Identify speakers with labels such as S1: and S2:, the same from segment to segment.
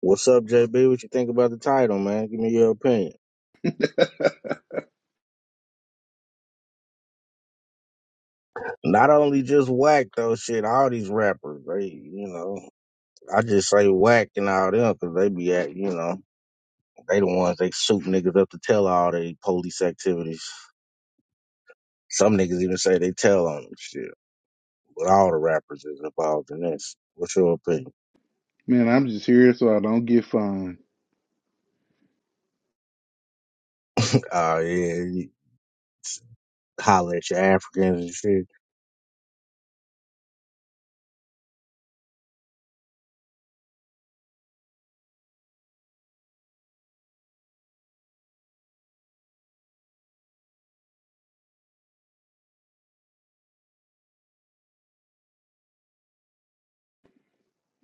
S1: What's up, JB? What you think about the title, man? Give me your opinion. Not only just whack though, shit. All these rappers, they, you know, I just say whack and all them because they be at, you know, they the ones they shoot niggas up to tell all they police activities. Some niggas even say they tell on them shit. But all the rappers is involved in this. What's your opinion?
S2: Man, I'm just here so I don't get fined.
S1: Oh yeah, you holler at your Africans and shit.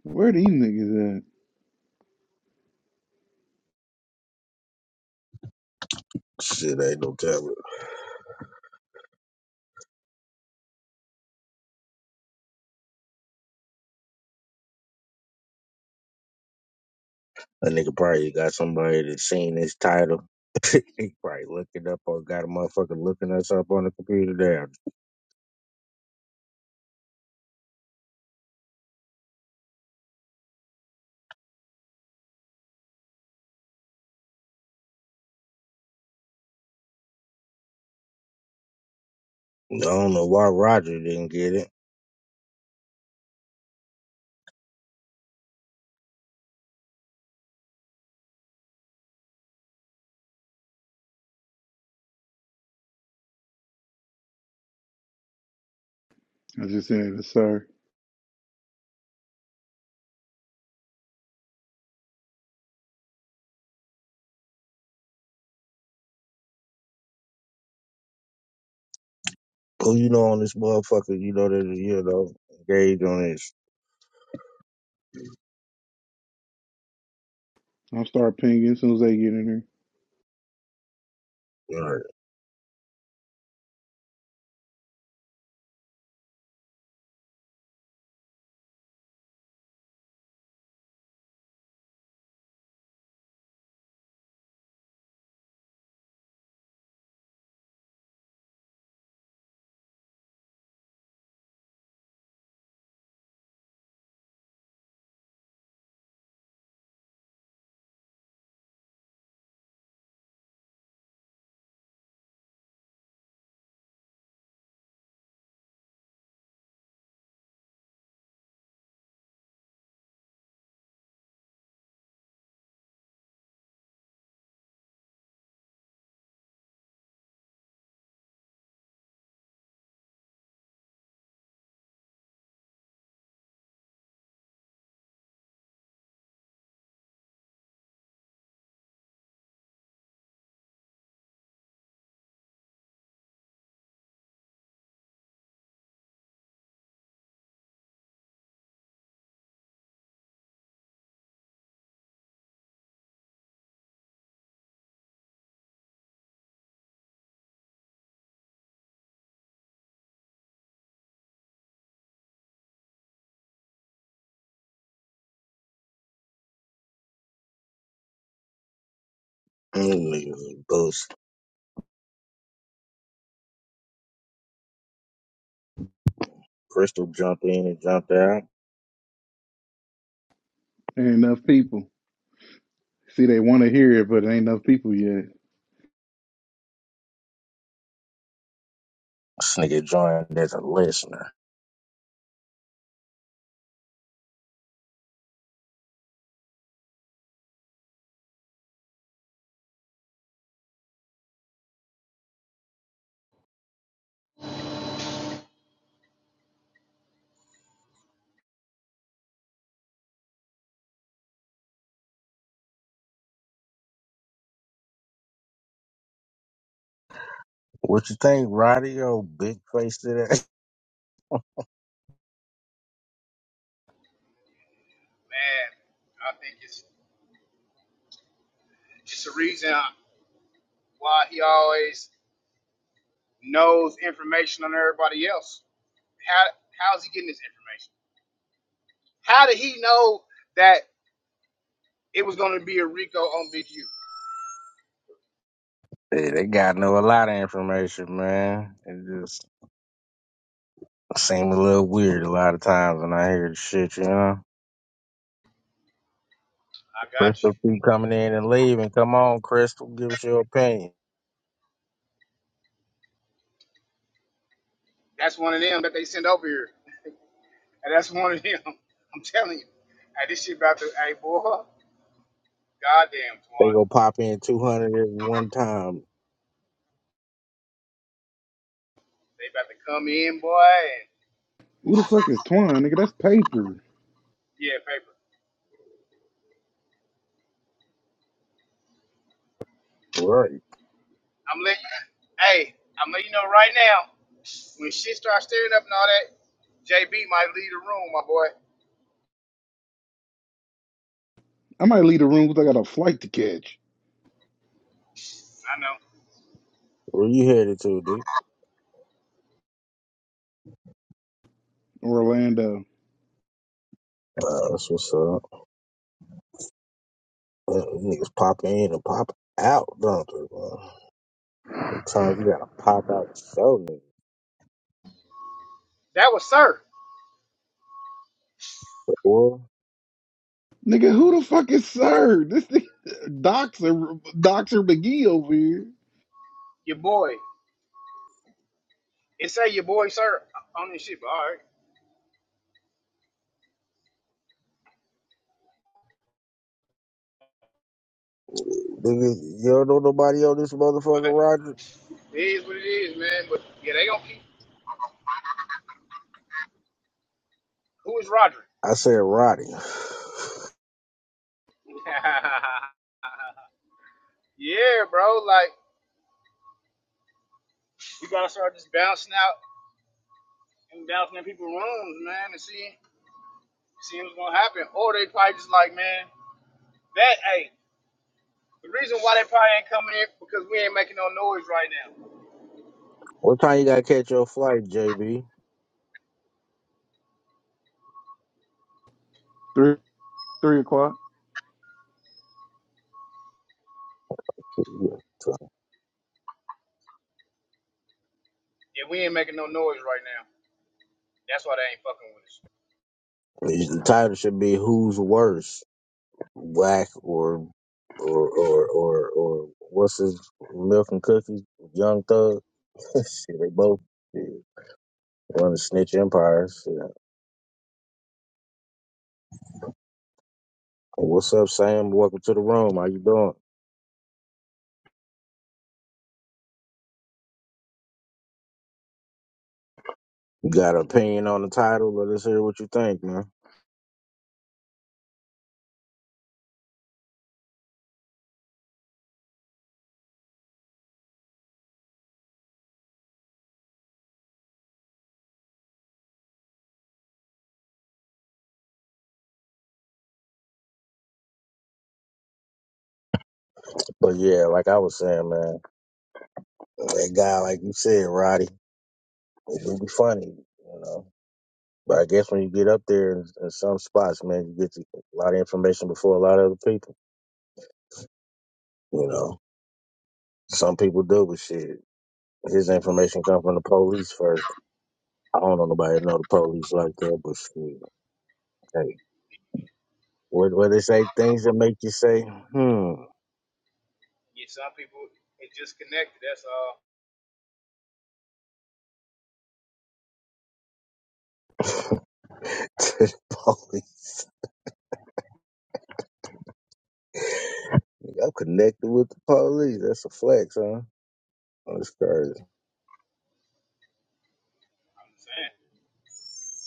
S2: Where these niggas at?
S1: Shit ain't no telling. A nigga probably got somebody that's seen this title. he probably looked it up or got a motherfucker looking us up on the computer there. I don't know why Roger didn't get it.
S2: I just said, yes, sir.
S1: Who you know on this motherfucker, you know that you know, engaged on this
S2: I'll start pinging as soon as they get in here.
S1: Alright. Mm, nigga, boost. Crystal jumped in and jumped out.
S2: There Ain't enough people. See, they want to hear it, but there ain't enough people yet.
S1: This nigga joined as a listener. What you think, Roddy? Yo, big face today?
S3: And I think it's it's a reason why he always knows information on everybody else. How how's he getting this information? How did he know that it was going to be a Rico on Big U?
S1: Yeah, they got know a lot of information, man. It just seem a little weird a lot of times when I hear the shit, you know?
S3: I got
S1: Crystal
S3: you.
S1: keep coming in and leaving. Come on, Crystal, give us your opinion.
S3: That's one of them that they send over here, and that's one of them. I'm telling you, hey, this shit about to, hey boy, goddamn
S1: They
S3: Twan,
S1: gonna pop in two hundred every one time.
S3: they about to come in, boy, and
S2: Who the fuck is Twine, nigga? That's paper.
S3: yeah, paper.
S1: Right.
S3: I'm letting hey, I'm letting you know right now, when shit starts stirring up and all that, JB might leave the room, my boy.
S2: I might leave the room because I got a flight to catch.
S3: I know.
S1: Where you headed to, D?
S2: Orlando.
S1: Uh, that's what's up. Uh, Niggas pop in and pop out, don't they? man? Sometimes you gotta pop out and show niggas.
S3: That was Sir,
S1: Boy,
S2: Nigga, who the fuck is Sir? This nigga, Doxer, Doxer McGee over here.
S3: your boy. It say your boy Sir on this shit, but all right.
S1: niggas, you don't know nobody on this motherfucker,
S3: But
S1: Roger?
S3: it is what it is, man. But yeah, they gonna keep. Who is Roger?
S1: I said Roddy.
S3: yeah, bro. Like we gotta start just bouncing out and bouncing in people's rooms, man, and seeing seeing what's gonna happen. Or they probably just like, man, that. hey. The reason why they probably ain't coming in because we ain't making no noise right now.
S1: What time you gotta catch your flight, JB?
S2: Three, three o'clock.
S1: Yeah.
S3: Yeah, we ain't making no noise right now. That's why they ain't fucking with us.
S1: The title should be "Who's Worse." Whack or or or or or what's his milk and cookies? Young Thug. shit, they both shit, run the snitch empire. Shit. What's up, Sam? Welcome to the room. How you doing? You got an opinion on the title? Let us hear what you think, man. But yeah, like I was saying, man, that guy, like you said, Roddy, it would be funny, you know. But I guess when you get up there in, in some spots, man, you get a lot of information before a lot of other people, you know. Some people do, but shit. His information come from the police first. I don't know nobody that know the police like that, but shit. Hey, what what they say? Things that make you say, hmm.
S3: Yeah, some people it just connected. That's all
S1: to the police. I'm connected with the police. That's a flex, huh? That's crazy.
S3: I'm saying.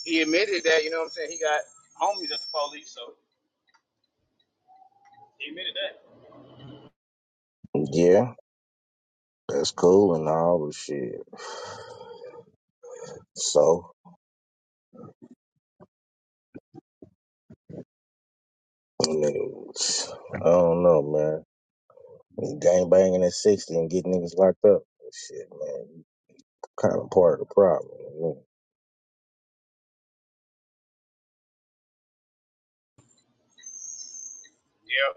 S3: He admitted that. You know what I'm saying? He got homies at the police, so he admitted that.
S1: Yeah, that's cool and all, but shit. So, I mean, I don't know, man. Gang banging at 60 and getting niggas locked up. Shit, man. Kind of part of the problem. you
S3: Yep,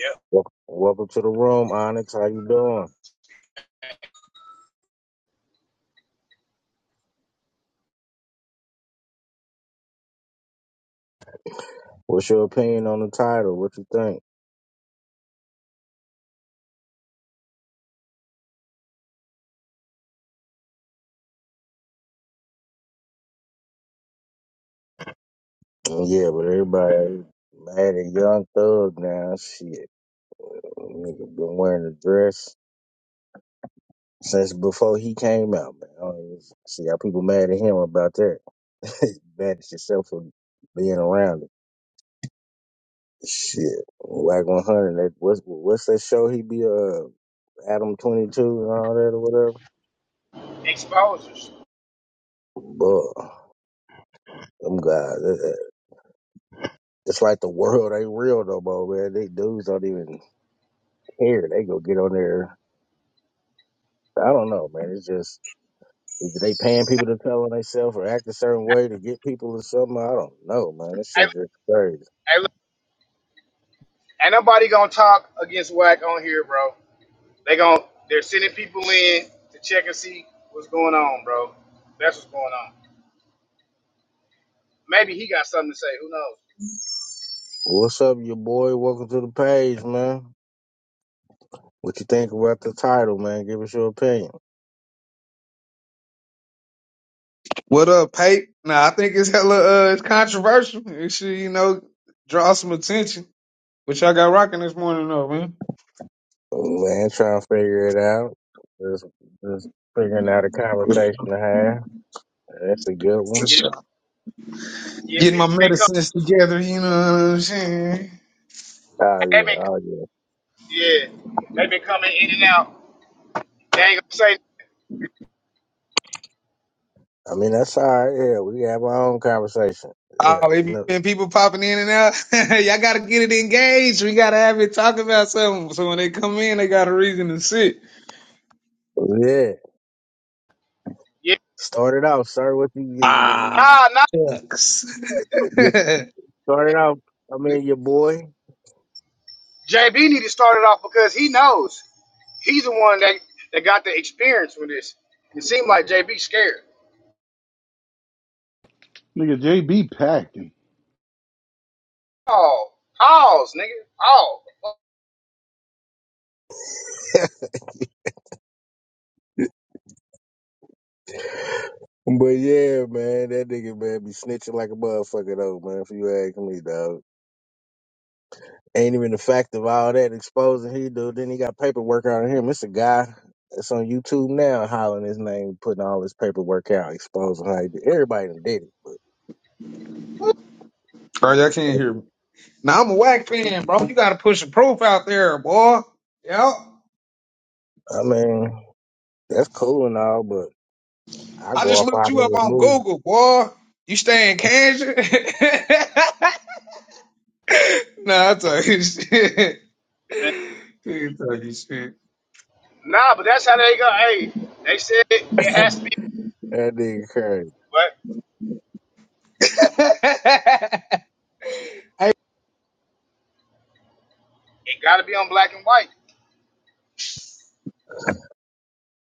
S3: yep.
S1: Welcome, welcome to the room, Onyx. How you doing? What's your opinion on the title? What you think? Oh, Yeah, but everybody mad at Young Thug now. Shit, nigga been wearing a dress since before he came out, man. I don't even see how people mad at him about that. mad at yourself for being around it. Shit, Wack 100. That, what's what's that show? He be uh Adam 22 and all that or whatever.
S3: Exposures.
S1: But them guys, uh, uh, it's like the world ain't real no more, man. They dudes don't even care. They go get on there I don't know, man. It's just is they paying people to color themselves or act a certain way to get people or something. I don't know, man. This
S3: Hey,
S1: shit just crazy.
S3: hey, look, ain't nobody gonna talk against whack on here, bro. They gon' they're sending people in to check and see what's going on, bro. That's what's going on. Maybe he got something to say. Who knows?
S1: What's up, your boy? Welcome to the page, man. What you think about the title, man? Give us your opinion.
S4: What up, Pate? Nah, I think it's hella uh, it's controversial. It should, you know, draw some attention. What y'all got rocking this morning, though, man?
S1: Man, trying to figure it out. Just, just figuring out a conversation to have. That's a good one.
S3: Yeah, yeah.
S4: Getting my
S3: People been coming.
S4: medicines together, you know what I'm saying?
S1: Oh
S3: They've
S1: yeah,
S3: been
S1: oh yeah.
S3: Yeah, they been coming in and out. They ain't gonna say,
S1: I mean, that's all right. Yeah, we can have our own conversation. Yeah,
S4: Oh,
S1: we
S4: it
S1: know-
S4: been people popping in and out. y'all gotta get it engaged. We gotta have it talk about something. So when they come in, they got a reason to sit.
S1: yeah.
S3: yeah,
S1: Start it off, sir. What you
S4: Ah,
S3: nah, nah.
S4: shucks.
S1: get? Started out, I mean, your boy.
S3: JB need to start it off because he knows he's the one that, that got the experience with this. It seemed like JB scared.
S2: Nigga, JB packed.
S3: Oh, pause, nigga. Oh,
S1: But yeah, man, that nigga, man, be snitching like a motherfucker, though, man, if you ask me, dog. Ain't even the fact of all that exposing he do. Then he got paperwork out of him. It's a guy that's on YouTube now hollering his name, putting all his paperwork out, exposing how he did. Everybody done did it.
S4: Bro, y'all can't hear me. Now I'm a whack fan, bro. You gotta push the proof out there, boy. Yep.
S1: I mean, that's cool and all, but I
S4: I
S1: go
S4: just
S1: off
S4: looked
S1: our
S4: you up
S1: niggas
S4: on
S1: move.
S4: Google, boy. You stay in Kansas? nah, I talking shit. You talking shit.
S3: nah, but that's how they go. Hey, they said it, it has to be,
S1: That nigga crazy.
S3: but
S4: hey,
S3: it got to be on black and white.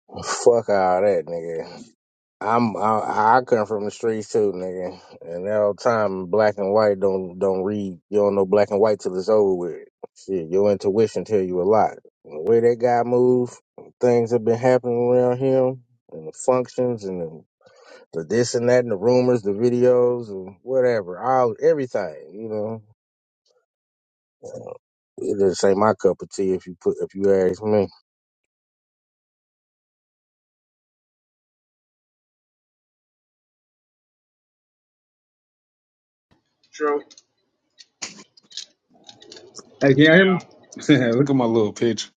S1: Fuck all that, nigga. I'm I, I come from the streets too, nigga. And that old time black and white don't don't read. You don't know black and white till it's over with. Shit, your intuition tell you a lot. And the way that guy move, things have been happening around him, and the functions, and the, the this and that, and the rumors, the videos, and whatever, all everything. You know, it just ain't my cup of tea if you put if you ask me.
S3: True.
S4: can you hear me?
S3: Yeah.
S4: Look at my little picture.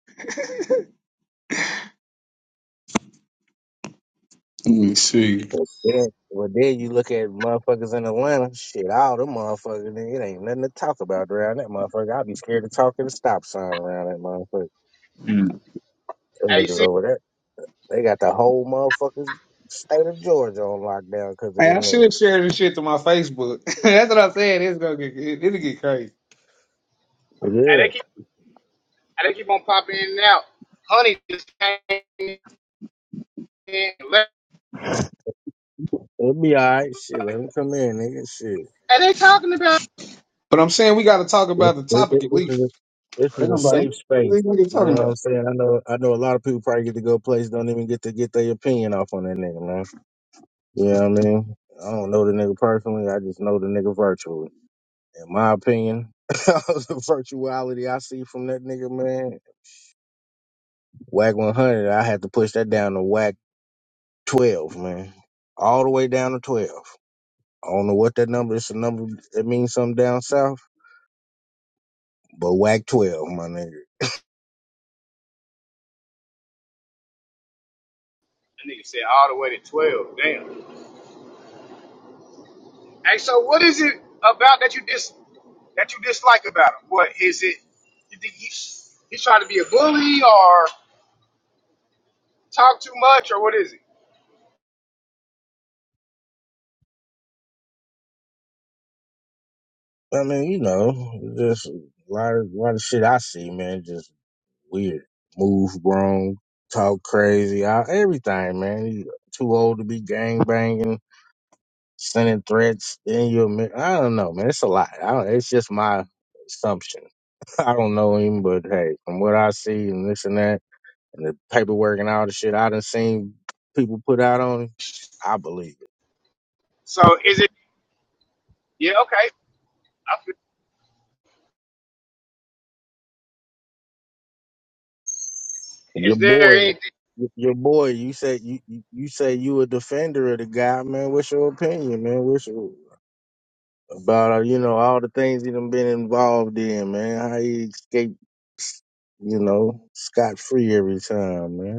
S4: Let me see.
S1: Yeah. Well, then you look at motherfuckers in Atlanta. Shit, all them motherfuckers, nigga, it ain't nothing to talk about around that motherfucker. I'd be scared to talk at a stop sign around that motherfucker. Them
S3: Hey, you
S1: niggas
S3: see,
S1: over there, they got the whole motherfucking state of Georgia on lockdown because of
S4: Hey, I
S1: them niggas.
S4: should share this shit to my Facebook. That's what I'm saying. It's gonna get it, it'll get crazy.
S3: hey, they
S1: Yeah,
S3: keep, hey, they keep on popping in and out. Honey just came in. and left.
S1: it'll be all right. Shit, let them come in, nigga. Shit,
S3: Hey, they talking about.
S4: But I'm saying we gotta talk
S1: this,
S4: about the
S1: this, this,
S4: topic at
S1: this is
S4: least.
S1: a, this
S4: They're
S1: is a
S4: gonna be like,
S1: safe space.
S4: what are you
S1: You
S4: talking
S1: know
S4: about?
S1: what I'm saying? I know, I know. A lot of people probably get to go places, don't even get to get their opinion off on that nigga, man. You know what I mean? I don't know the nigga personally. I just know the nigga virtually. In my opinion, the virtuality I see from that nigga, man, whack 100, I had to push that down to whack 12, man. All the way down to 12. I don't know what that number is. a number that means something down south, but whack 12, my nigga.
S3: That nigga said all the way to twelve. Damn. Hey, so what is it about that you dis that you dislike about him? What is it? You think he's he's trying to be a bully or talk too much or what is it?
S1: I mean, you know, just a lot of, lot of shit I see, man, just weird. Move wrong, talk crazy, I, everything, man. You too old to be gang banging sending threats in your mi- I don't know, man. It's a lot. I don't, it's just my assumption. I don't know him, but hey, from what I see and this and that, and the paperwork and all the shit I done seen people put out on him, I believe
S3: So is it? Yeah, okay. I feel-
S1: it. Your
S3: Is there
S1: boy,
S3: any?
S1: y- your boy, you say you you you say you a defender of the guy, man. What's your opinion, man? What's your about uh, you know all the things he done been involved in, man? How he escaped, you know, scot free every time, man.